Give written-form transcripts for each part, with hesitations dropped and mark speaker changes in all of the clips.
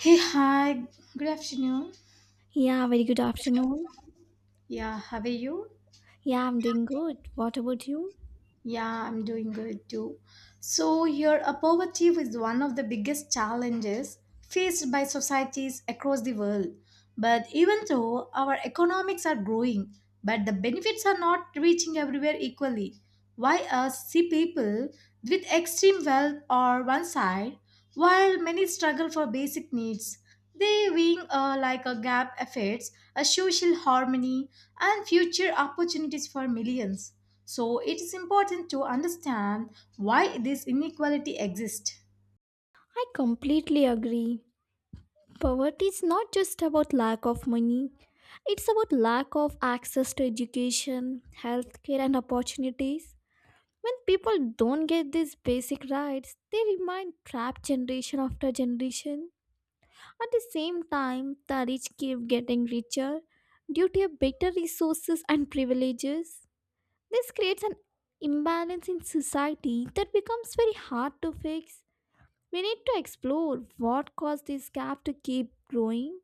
Speaker 1: Hey, hi, good afternoon.
Speaker 2: Yeah, very good afternoon.
Speaker 1: Yeah, how are you?
Speaker 2: Yeah, I'm doing good. What about you?
Speaker 1: Yeah, I'm doing good too. So, here, poverty is one of the biggest challenges faced by societies across the world. But even though our economics are growing, but the benefits are not reaching everywhere equally. Why us see people with extreme wealth on one side, while many struggle for basic needs? They being like a gap affects a social harmony and future opportunities for millions. So it is important to understand why this inequality exists.
Speaker 2: I completely agree. Poverty is not just about lack of money, it's about lack of access to education, healthcare, and opportunities. When people don't get these basic rights, they remain trapped generation after generation. At the same time, the rich keep getting richer due to better resources and privileges. This creates an imbalance in society that becomes very hard to fix. We need to explore what caused this gap to keep growing.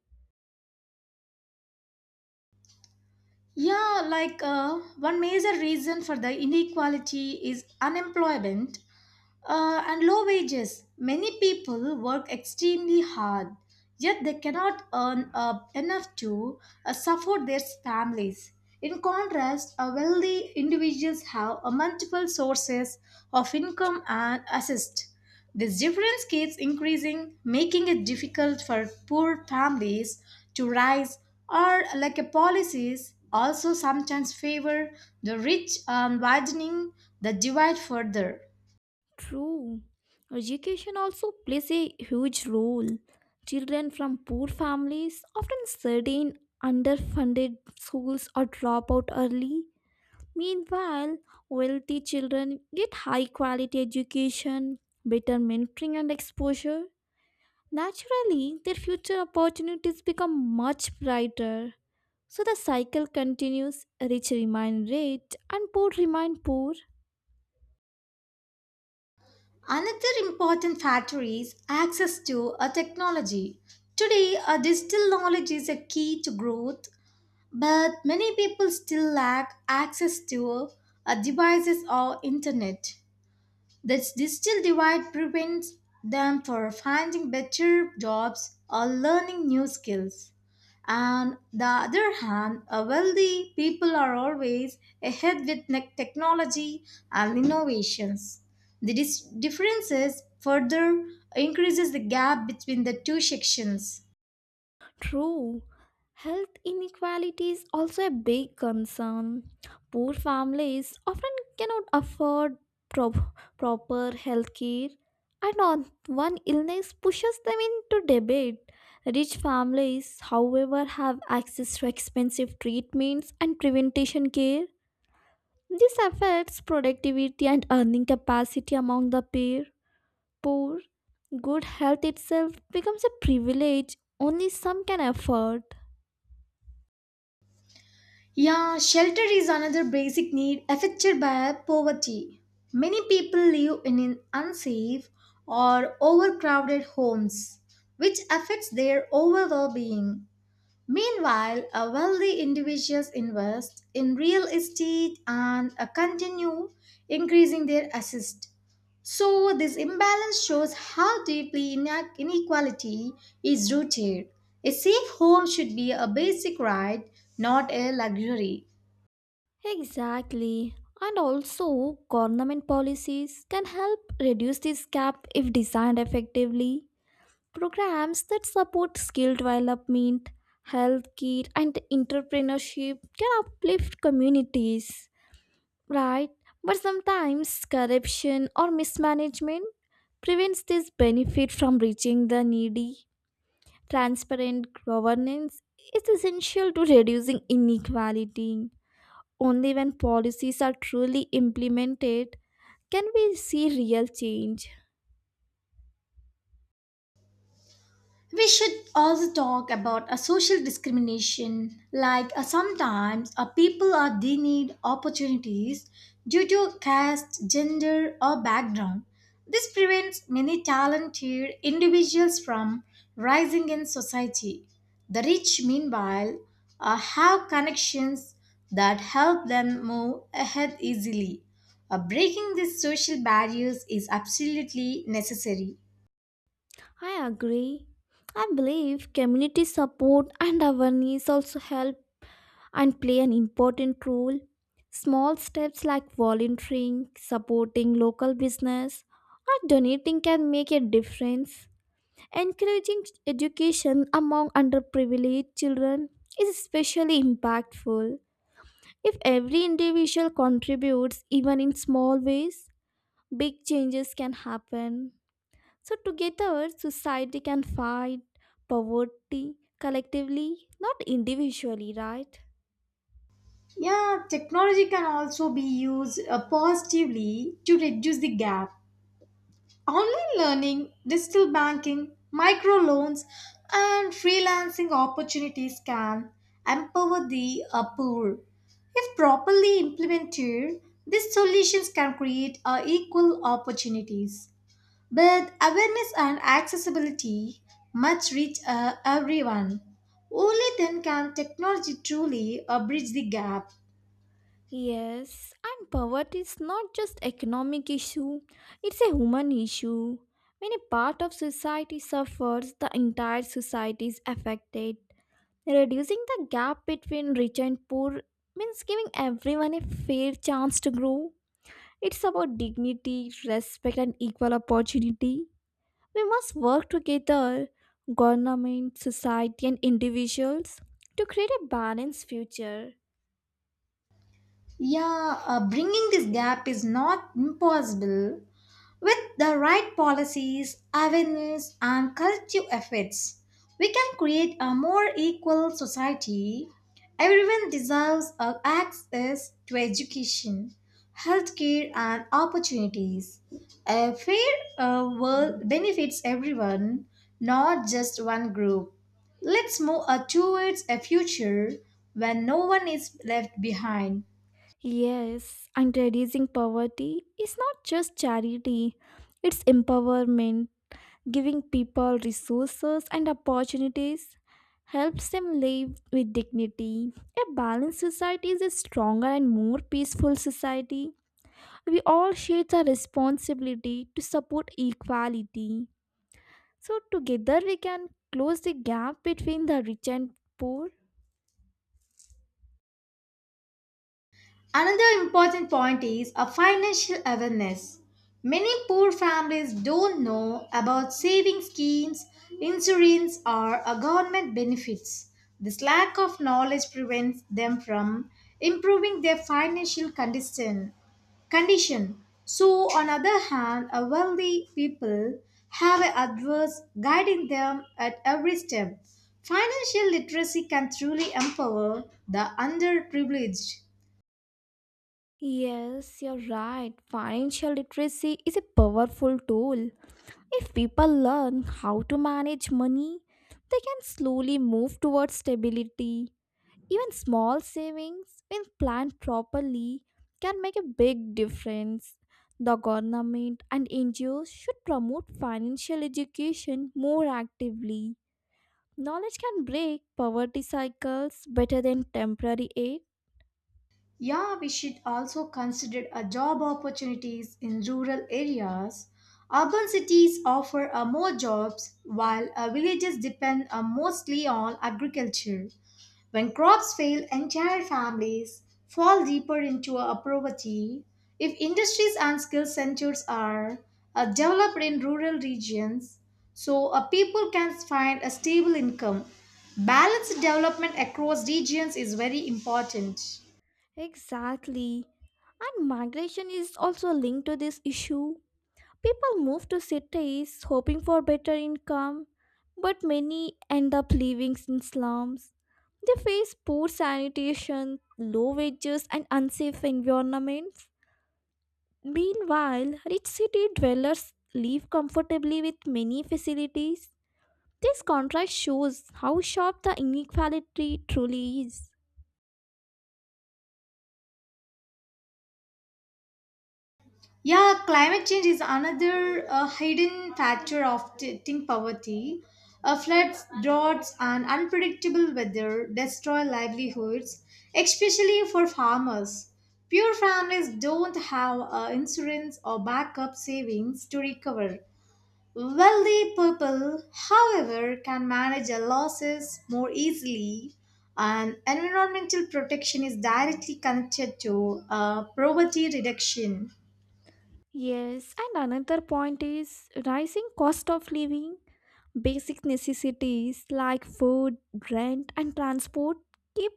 Speaker 1: Yeah, like one major reason for the inequality is unemployment. And low wages. Many people work extremely hard, yet they cannot earn enough to support their families. In contrast, wealthy individuals have multiple sources of income and assist. This difference keeps increasing, making it difficult for poor families to rise, or like a policies also sometimes favor the rich, widening the divide further.
Speaker 2: True. Education also plays a huge role. Children from poor families often study in underfunded schools or drop out early. Meanwhile, wealthy children get high quality education, better mentoring, and exposure. Naturally, their future opportunities become much brighter. So the cycle continues rich remain rich and poor remain poor.
Speaker 1: Another important factor is access to a technology. Today, a digital knowledge is a key to growth, but many people still lack access to a devices or internet. This digital divide prevents them from finding better jobs or learning new skills. On the other hand, a wealthy people are always ahead with technology and innovations. The differences further increases the gap between the two sections.
Speaker 2: True. Health inequality is also a big concern. Poor families often cannot afford prop- proper health care, and on one illness pushes them into debate. Rich families, however, have access to expensive treatments and prevention care. This affects productivity and earning capacity among the pair. Poor, good health itself becomes a privilege only some can afford.
Speaker 1: Yeah, shelter is another basic need affected by poverty. Many people live in an unsafe or overcrowded homes, which affects their overall well being. Meanwhile, a wealthy individuals invest in real estate and continue increasing their assets. So, this imbalance shows how deeply inequality is rooted. A safe home should be a basic right, not a luxury.
Speaker 2: Exactly. And also, government policies can help reduce this gap if designed effectively. Programs that support skill development, healthcare, and entrepreneurship can uplift communities, right? But sometimes corruption or mismanagement prevents this benefit from reaching the needy. Transparent governance is essential to reducing inequality. Only when policies are truly implemented can we see real change.
Speaker 1: We should also talk about a social discrimination, like sometimes people are denied opportunities due to caste, gender, or background. This prevents many talented individuals from rising in society. The rich, meanwhile, have connections that help them move ahead easily. Breaking these social barriers is absolutely necessary.
Speaker 2: I agree. I believe community support and awareness also help and play an important role. Small steps like volunteering, supporting local business, or donating can make a difference. Encouraging education among underprivileged children is especially impactful. If every individual contributes, even in small ways, big changes can happen. So, together, society can fight poverty collectively, not individually, right?
Speaker 1: Yeah, technology can also be used positively to reduce the gap. Online learning, digital banking, microloans, and freelancing opportunities can empower the poor. If properly implemented, these solutions can create equal opportunities. But awareness and accessibility must reach everyone. Only then can technology truly bridge the gap.
Speaker 2: Yes, and poverty is not just economic issue, it's a human issue. When a part of society suffers, the entire society is affected. Reducing the gap between rich and poor means giving everyone a fair chance to grow. It's about dignity, respect, and equal opportunity. We must work together, government, society, and individuals, to create a balanced future.
Speaker 1: Yeah, bringing this gap is not impossible with the right policies, awareness, and collective efforts. We can create a more equal society. Everyone deserves access to education, healthcare, and opportunities. A fair world benefits everyone, not just one group. Let's move towards a future when no one is left behind.
Speaker 2: Yes, and reducing poverty is not just charity, it's empowerment. Giving people resources and opportunities helps them live with dignity. A balanced society is a stronger and more peaceful society. We all share the responsibility to support equality. So, together we can close the gap between the rich and poor.
Speaker 1: Another important point is a financial awareness. Many poor families don't know about saving schemes, insurance, or government benefits. This lack of knowledge prevents them from improving their financial condition. So, on other hand, a wealthy people have a adverse guiding them at every step. Financial literacy can truly empower the underprivileged.
Speaker 2: Yes, you're right. Financial literacy is a powerful tool. If people learn how to manage money, they can slowly move towards stability. Even small savings, when planned properly, can make a big difference. The government and NGOs should promote financial education more actively. Knowledge can break poverty cycles better than temporary aid.
Speaker 1: Yeah, we should also consider a job opportunities in rural areas. Urban cities offer more jobs while villages depend mostly on agriculture. When crops fail, entire families fall deeper into a poverty. If industries and skill centers are developed in rural regions, so people can find a stable income. Balanced development across regions is very important.
Speaker 2: Exactly. And migration is also linked to this issue. People move to cities hoping for better income, but many end up living in slums. They face poor sanitation, low wages, and unsafe environments. Meanwhile, rich city dwellers live comfortably with many facilities. This contrast shows how sharp the inequality truly is.
Speaker 1: Yeah, climate change is another hidden factor of ting poverty. Floods, droughts, and unpredictable weather destroy livelihoods, especially for farmers. Poor families don't have insurance or backup savings to recover. Wealthy people, however, can manage their losses more easily, and environmental protection is directly connected to poverty reduction.
Speaker 2: Yes, and another point is rising cost of living. Basic necessities like food, rent, and transport keep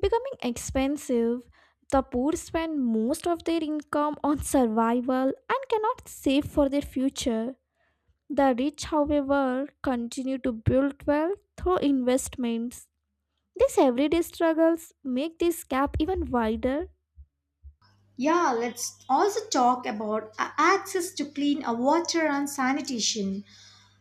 Speaker 2: becoming expensive. The poor spend most of their income on survival and cannot save for their future. The rich, however, continue to build wealth through investments. These everyday struggles make this gap even wider.
Speaker 1: Yeah, let's also talk about access to clean water and sanitation.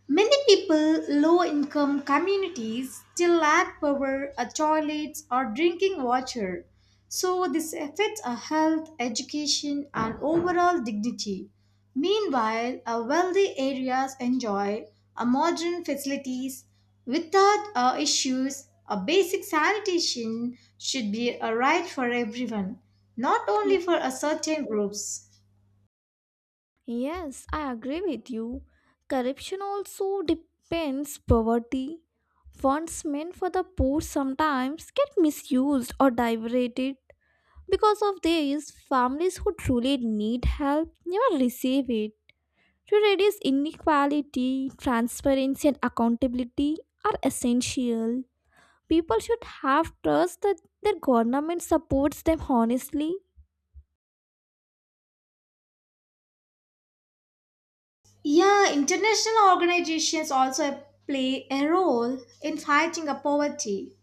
Speaker 1: Many people, low income communities, still lack power, toilets, or drinking water. So, this affects our health, education, and overall dignity. Meanwhile, our wealthy areas enjoy a modern facilities without issues. A basic sanitation should be a right for everyone, not only for a certain groups.
Speaker 2: Yes, I agree with you. Corruption also depends poverty. Funds meant for the poor sometimes get misused or diverted. Because of this, families who truly need help never receive it. To reduce inequality, transparency and accountability are essential. People should have trust that their government supports them honestly.
Speaker 1: Yeah, international organizations also play a role in fighting a poverty.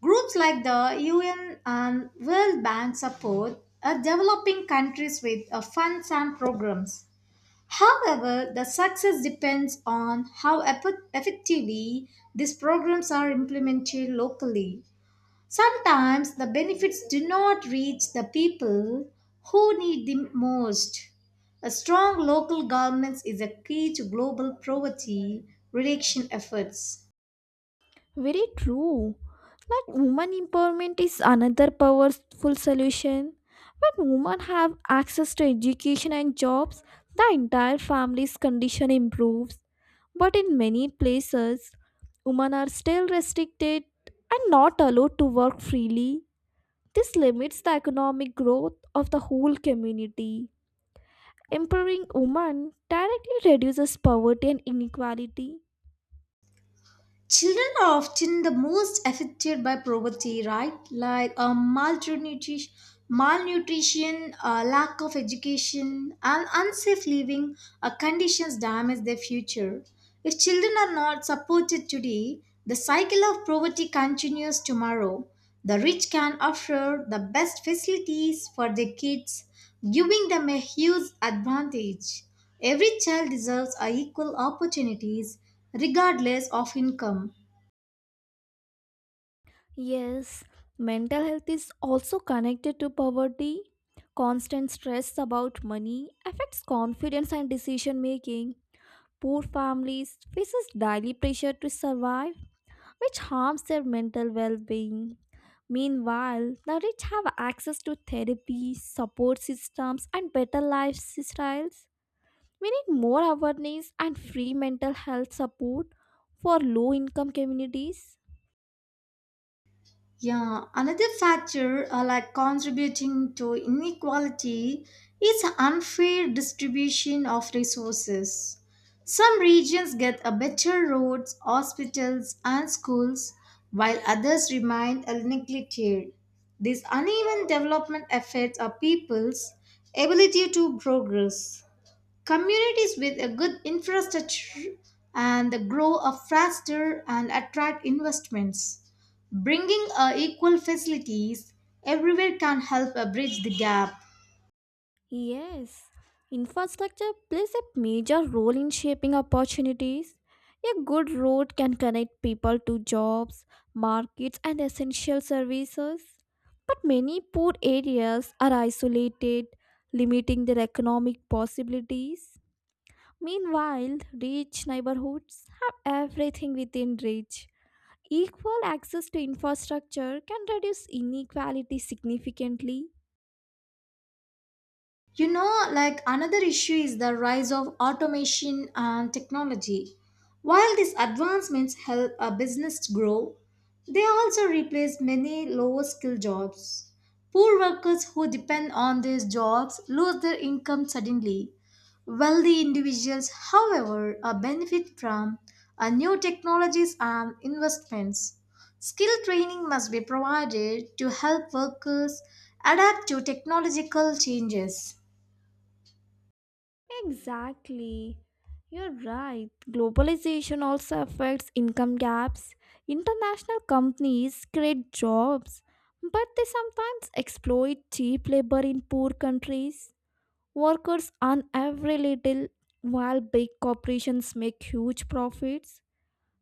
Speaker 1: Groups like the UN and World Bank support developing countries with funds and programs. However, the success depends on how effectively these programs are implemented locally. Sometimes the benefits do not reach the people who need them most. A strong local government is a key to global poverty reduction efforts.
Speaker 2: Very true. Like woman empowerment is another powerful solution. When women have access to education and jobs, the entire family's condition improves. But in many places, women are still restricted and not allowed to work freely. This limits the economic growth of the whole community. Empowering women directly reduces poverty and inequality.
Speaker 1: Children are often the most affected by poverty, right? Like malnutrition, lack of education, and unsafe living conditions damage their future. If children are not supported today, the cycle of poverty continues tomorrow. The rich can offer the best facilities for their kids, giving them a huge advantage. Every child deserves a equal opportunities regardless of income.
Speaker 2: Yes, mental health is also connected to poverty. Constant stress about money affects confidence and decision making. Poor families faces daily pressure to survive, which harms their mental well-being. Meanwhile, the rich have access to therapy, support systems, and better lifestyles. We need more awareness and free mental health support for low-income communities.
Speaker 1: Yeah, another factor like contributing to inequality is unfair distribution of resources. Some regions get a better roads, hospitals, and schools, while others remain neglected. This uneven development affects our people's ability to progress. Communities with a good infrastructure and the grow up faster and attract investments. Bringing equal facilities everywhere can help bridge the gap.
Speaker 2: Yes, infrastructure plays a major role in shaping opportunities. A good road can connect people to jobs, markets, and essential services. But many poor areas are isolated, limiting their economic possibilities. Meanwhile, rich neighborhoods have everything within reach. Equal access to infrastructure can reduce inequality significantly.
Speaker 1: You know, like another issue is the rise of automation and technology. While these advancements help a business grow, they also replace many lower skill jobs. Poor workers who depend on these jobs lose their income suddenly. Wealthy individuals, however, are benefit from new technologies and investments. Skill training must be provided to help workers adapt to technological changes.
Speaker 2: Exactly. You're right. Globalization also affects income gaps. International companies create jobs, but they sometimes exploit cheap labor in poor countries. Workers earn every little while big corporations make huge profits.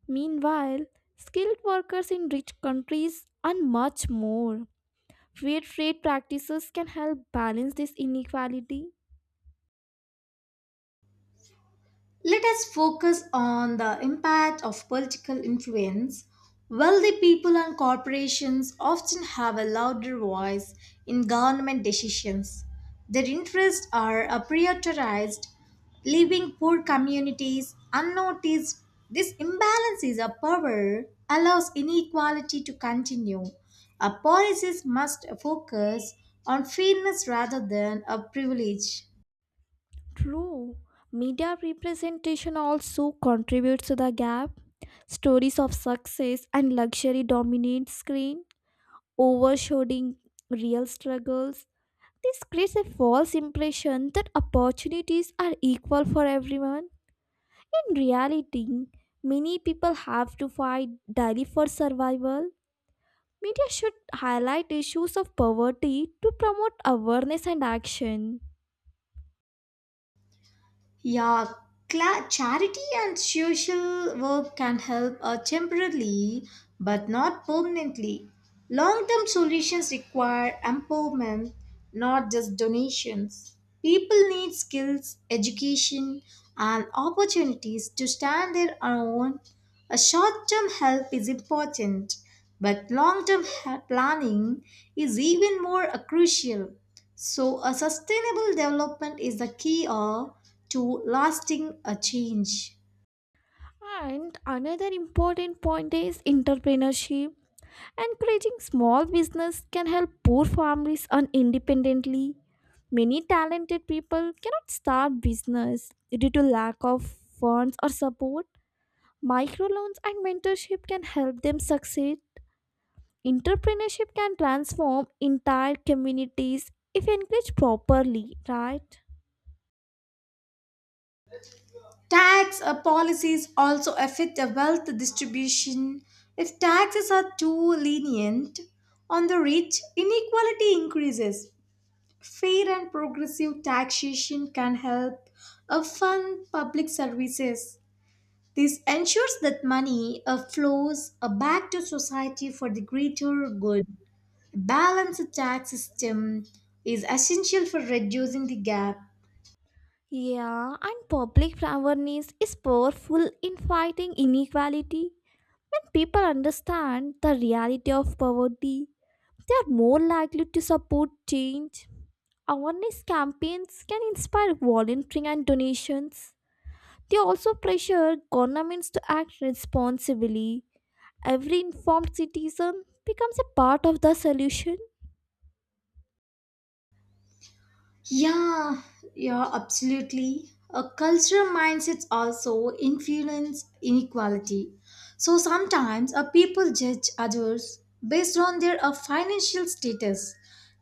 Speaker 2: Meanwhile, skilled workers in rich countries earn much more. Fair trade practices can help balance this inequality.
Speaker 1: Let us focus on the impact of political influence. Wealthy people and corporations often have a louder voice in government decisions. Their interests are prioritized, leaving poor communities unnoticed. This imbalance is a power allows inequality to continue. Our policies must focus on fairness rather than a privilege.
Speaker 2: True. Media representation also contributes to the gap. Stories of success and luxury dominate screen, overshadowing real struggles. This creates a false impression that opportunities are equal for everyone. In reality, many people have to fight daily for survival. Media should highlight issues of poverty to promote awareness and action.
Speaker 1: Yeah, charity and social work can help temporarily but not permanently. Long term solutions require empowerment, not just donations. People need skills, education, and opportunities to stand their own. A short term help is important, but long term planning is even more crucial. So, a sustainable development is the key to lasting a change.
Speaker 2: And another important point is entrepreneurship. Encouraging small business can help poor families earn independently. Many talented people cannot start business due to lack of funds or support. Microloans and mentorship can help them succeed. Entrepreneurship can transform entire communities if encouraged properly, right?
Speaker 1: Tax policies also affect the wealth distribution. If taxes are too lenient on the rich, inequality increases. Fair and progressive taxation can help fund public services. This ensures that money flows back to society for the greater good. Balanced tax system is essential for reducing the gap.
Speaker 2: Yeah, and public awareness is powerful in fighting inequality. When people understand the reality of poverty, they are more likely to support change. Awareness campaigns can inspire volunteering and donations. They also pressure governments to act responsibly. Every informed citizen becomes a part of the solution.
Speaker 1: Yeah, yeah, absolutely. A cultural mindset also influence inequality. So sometimes a people judge others based on their financial status,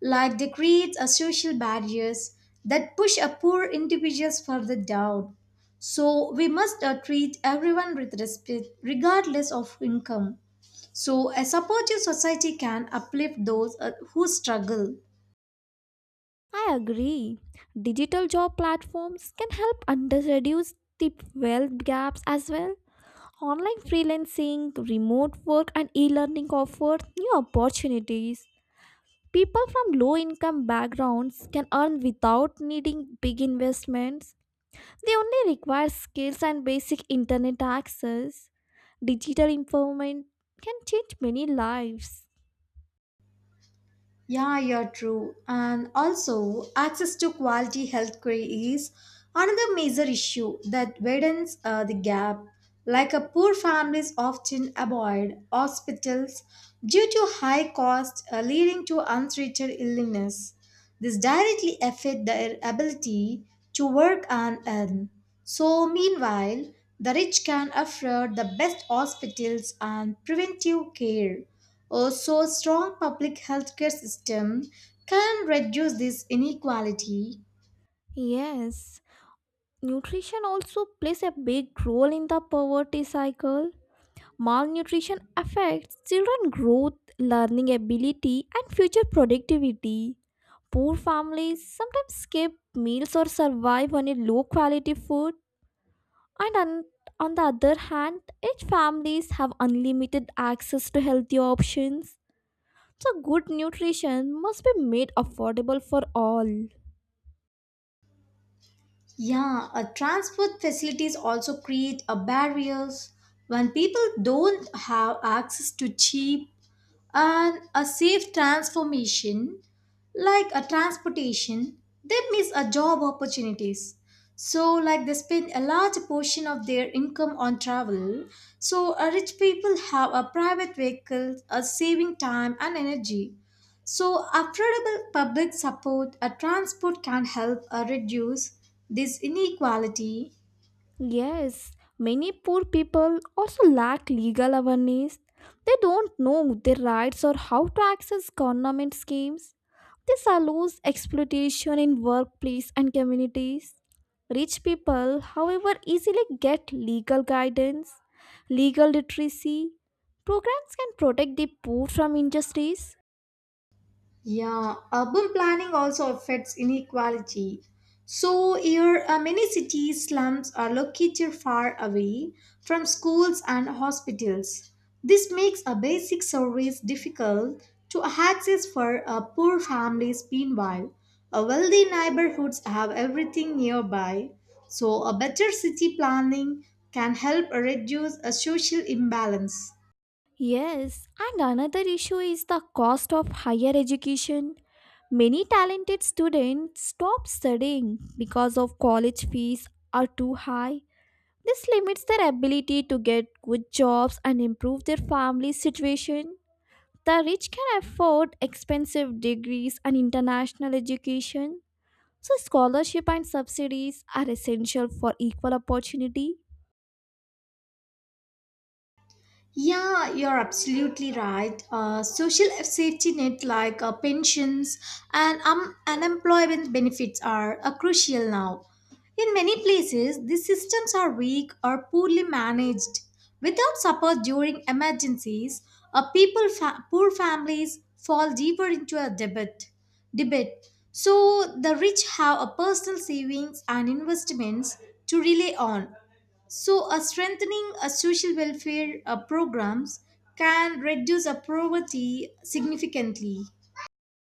Speaker 1: like they create a social barriers that push a poor individuals further down. So we must treat everyone with respect, regardless of income. So a supportive society can uplift those who struggle.
Speaker 2: I agree. Digital job platforms can help under reduce the wealth gaps as well. Online freelancing, remote work, and e learning offer new opportunities. People from low income backgrounds can earn without needing big investments. They only require skills and basic internet access. Digital empowerment can change many lives.
Speaker 1: Yeah, you're true. And also, access to quality healthcare is another major issue that widens the gap. Like a poor families often avoid hospitals due to high cost, leading to untreated illness. This directly affects their ability to work and earn. So, meanwhile, the rich can afford the best hospitals and preventive care. Also, a strong public healthcare system can reduce this inequality.
Speaker 2: Yes, nutrition also plays a big role in the poverty cycle. Malnutrition affects children's growth, learning ability, and future productivity. Poor families sometimes skip meals or survive on a low quality food, and on, on the other hand, rich families have unlimited access to healthy options. So, good nutrition must be made affordable for all.
Speaker 1: Yeah, transport facilities also create a barriers when people don't have access to cheap and a safe transformation like a transportation, they miss a job opportunities, so like they spend a large portion of their income on travel, so rich people have a private vehicle a saving time and energy, so affordable public support a transport can help reduce this inequality.
Speaker 2: Yes, many poor people also lack legal awareness. They don't know their rights or how to access government schemes. This allows exploitation in workplace and communities. Rich people, however, easily get legal guidance, legal literacy. Programs can protect the poor from injustice.
Speaker 1: Yeah, urban planning also affects inequality. So, here many cities' slums are located far away from schools and hospitals. This makes a basic service difficult to access for poor families. Meanwhile, wealthy neighborhoods have everything nearby. So, a better city planning can help reduce a social imbalance.
Speaker 2: Yes, and another issue is the cost of higher education. Many talented students stop studying because of college fees are too high. This limits their ability to get good jobs and improve their family situation. The rich can afford expensive degrees and international education. So, scholarships and subsidies are essential for equal opportunity.
Speaker 1: Yeah, you're absolutely right. Social safety net like pensions and unemployment benefits are crucial now. In many places, these systems are weak or poorly managed. Without support during emergencies, people poor families fall deeper into a debit. So the rich have a personal savings and investments to rely on. So, a strengthening a social welfare programs can reduce a poverty significantly.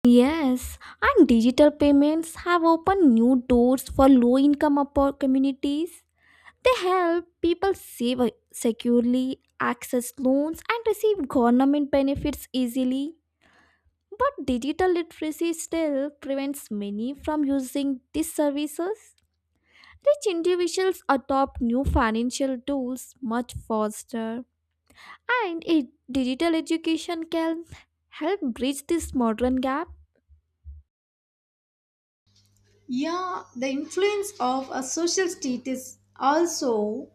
Speaker 2: Yes, and digital payments have opened new doors for low income communities. They help people save securely, access loans, and receive government benefits easily. But digital literacy still prevents many from using these services. Rich individuals adopt new financial tools much faster, and it, digital education can help bridge this modern gap.
Speaker 1: Yeah, the influence of a social status also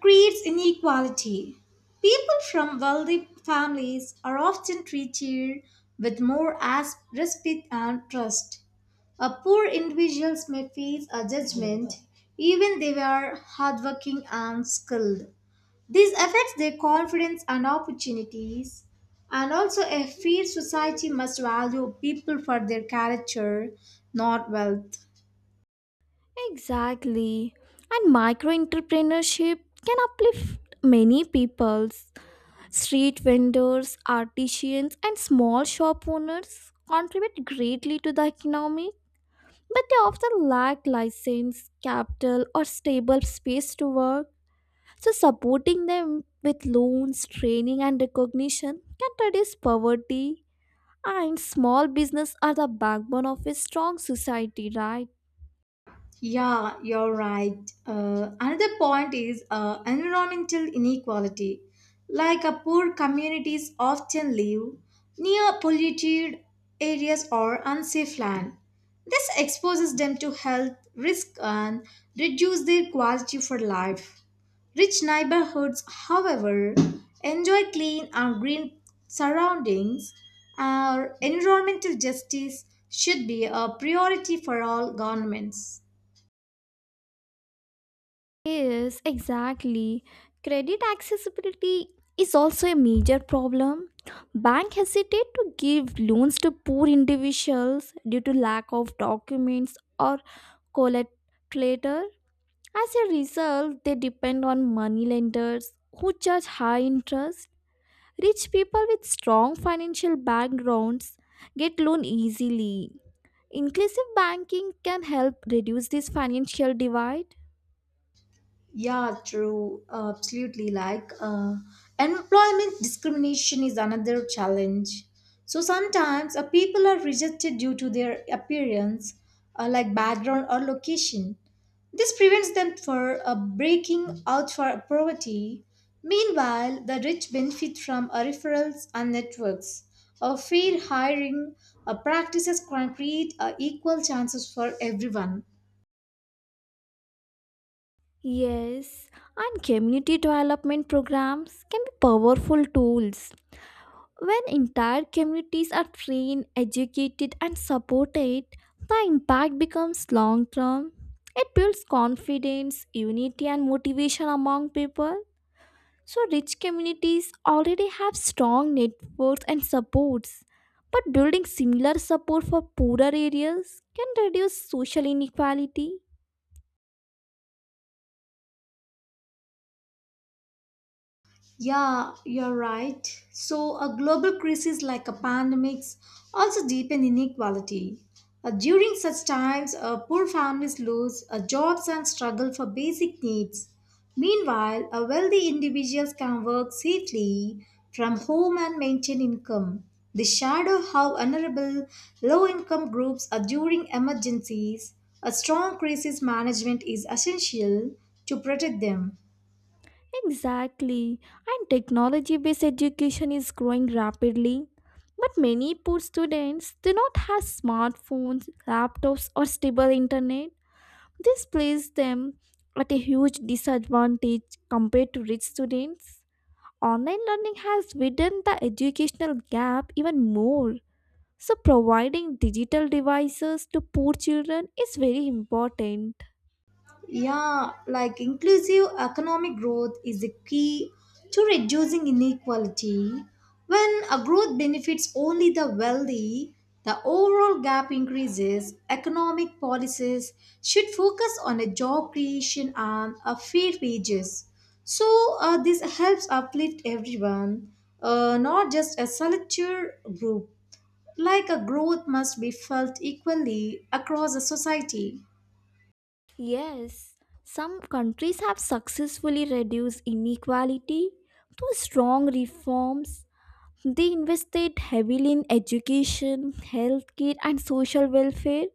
Speaker 1: creates inequality. People from wealthy families are often treated with more as respect and trust. A poor individuals may face a judgment even they were hardworking and skilled. This affects their confidence and opportunities. And also, a fair society must value people for their character, not wealth.
Speaker 2: Exactly. And micro entrepreneurship can uplift many peoples. Street vendors, artisans, and small shop owners contribute greatly to the economy, but they often lack license, capital, or stable space to work. So, supporting them with loans, training, and recognition can reduce poverty. And small business are the backbone of a strong society, right?
Speaker 1: Yeah, you're right. Another point is environmental inequality. Like poor communities often live near polluted areas or unsafe land. This exposes them to health risk and reduce their quality for life. Rich neighborhoods, however, enjoy clean and green surroundings. Our environmental justice should be a priority for all governments.
Speaker 2: Yes, exactly. Credit accessibility is also a major problem. Bank hesitate to give loans to poor individuals due to lack of documents or collateral. As a result, they depend on money lenders who charge high interest. Rich people with strong financial backgrounds get loan easily. Inclusive banking can help reduce this financial divide.
Speaker 1: Yeah, true. Absolutely. Like, employment discrimination is another challenge. So sometimes people are rejected due to their appearance, like background or location. This prevents them for breaking out for poverty. Meanwhile, the rich benefit from referrals and networks. A fair hiring practices can create equal chances for everyone.
Speaker 2: Yes, and community development programs can be powerful tools. When entire communities are trained, educated, and supported, the impact becomes long term. It builds confidence, unity, and motivation among people. So, rich communities already have strong networks and supports. But building similar support for poorer areas can reduce social inequality.
Speaker 1: Yeah, you're right. So, a global crisis like a pandemic also deepen inequality. During such times, poor families lose jobs and struggle for basic needs. Meanwhile, wealthy individuals can work safely from home and maintain income. They shadow how vulnerable low-income groups are during emergencies. A strong crisis management is essential to protect them.
Speaker 2: Exactly. And technology based education is growing rapidly. But many poor students do not have smartphones, laptops, or stable internet. This places them at a huge disadvantage compared to rich students. Online learning has widened the educational gap even more. So, providing digital devices to poor children is very important.
Speaker 1: Yeah, like inclusive economic growth is the key to reducing inequality. When a growth benefits only the wealthy, the overall gap increases. Economic policies should focus on a job creation and a fair wages. So this helps uplift everyone, not just a select group. Like a growth must be felt equally across a society.
Speaker 2: Yes, some countries have successfully reduced inequality through strong reforms. They invested heavily in education, healthcare, and social welfare.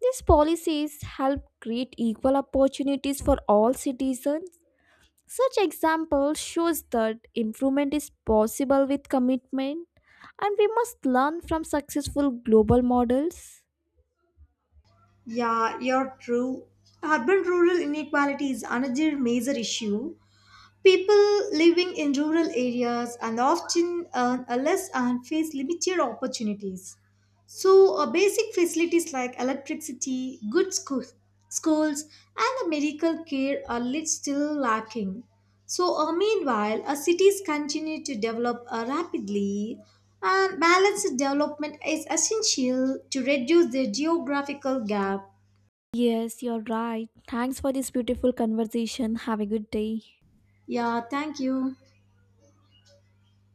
Speaker 2: These policies help create equal opportunities for all citizens. Such example shows that improvement is possible with commitment, and we must learn from successful global models.
Speaker 1: Yeah, you're true. Urban rural inequality is another major issue. People living in rural areas and often earn a less and face limited opportunities. So, basic facilities like electricity, schools, and the medical care are lit still lacking. So, meanwhile, cities continue to develop rapidly, and balanced development is essential to reduce the geographical gap.
Speaker 2: Yes, you're right. Thanks for this beautiful conversation. Have a good day.
Speaker 1: Yeah, thank you.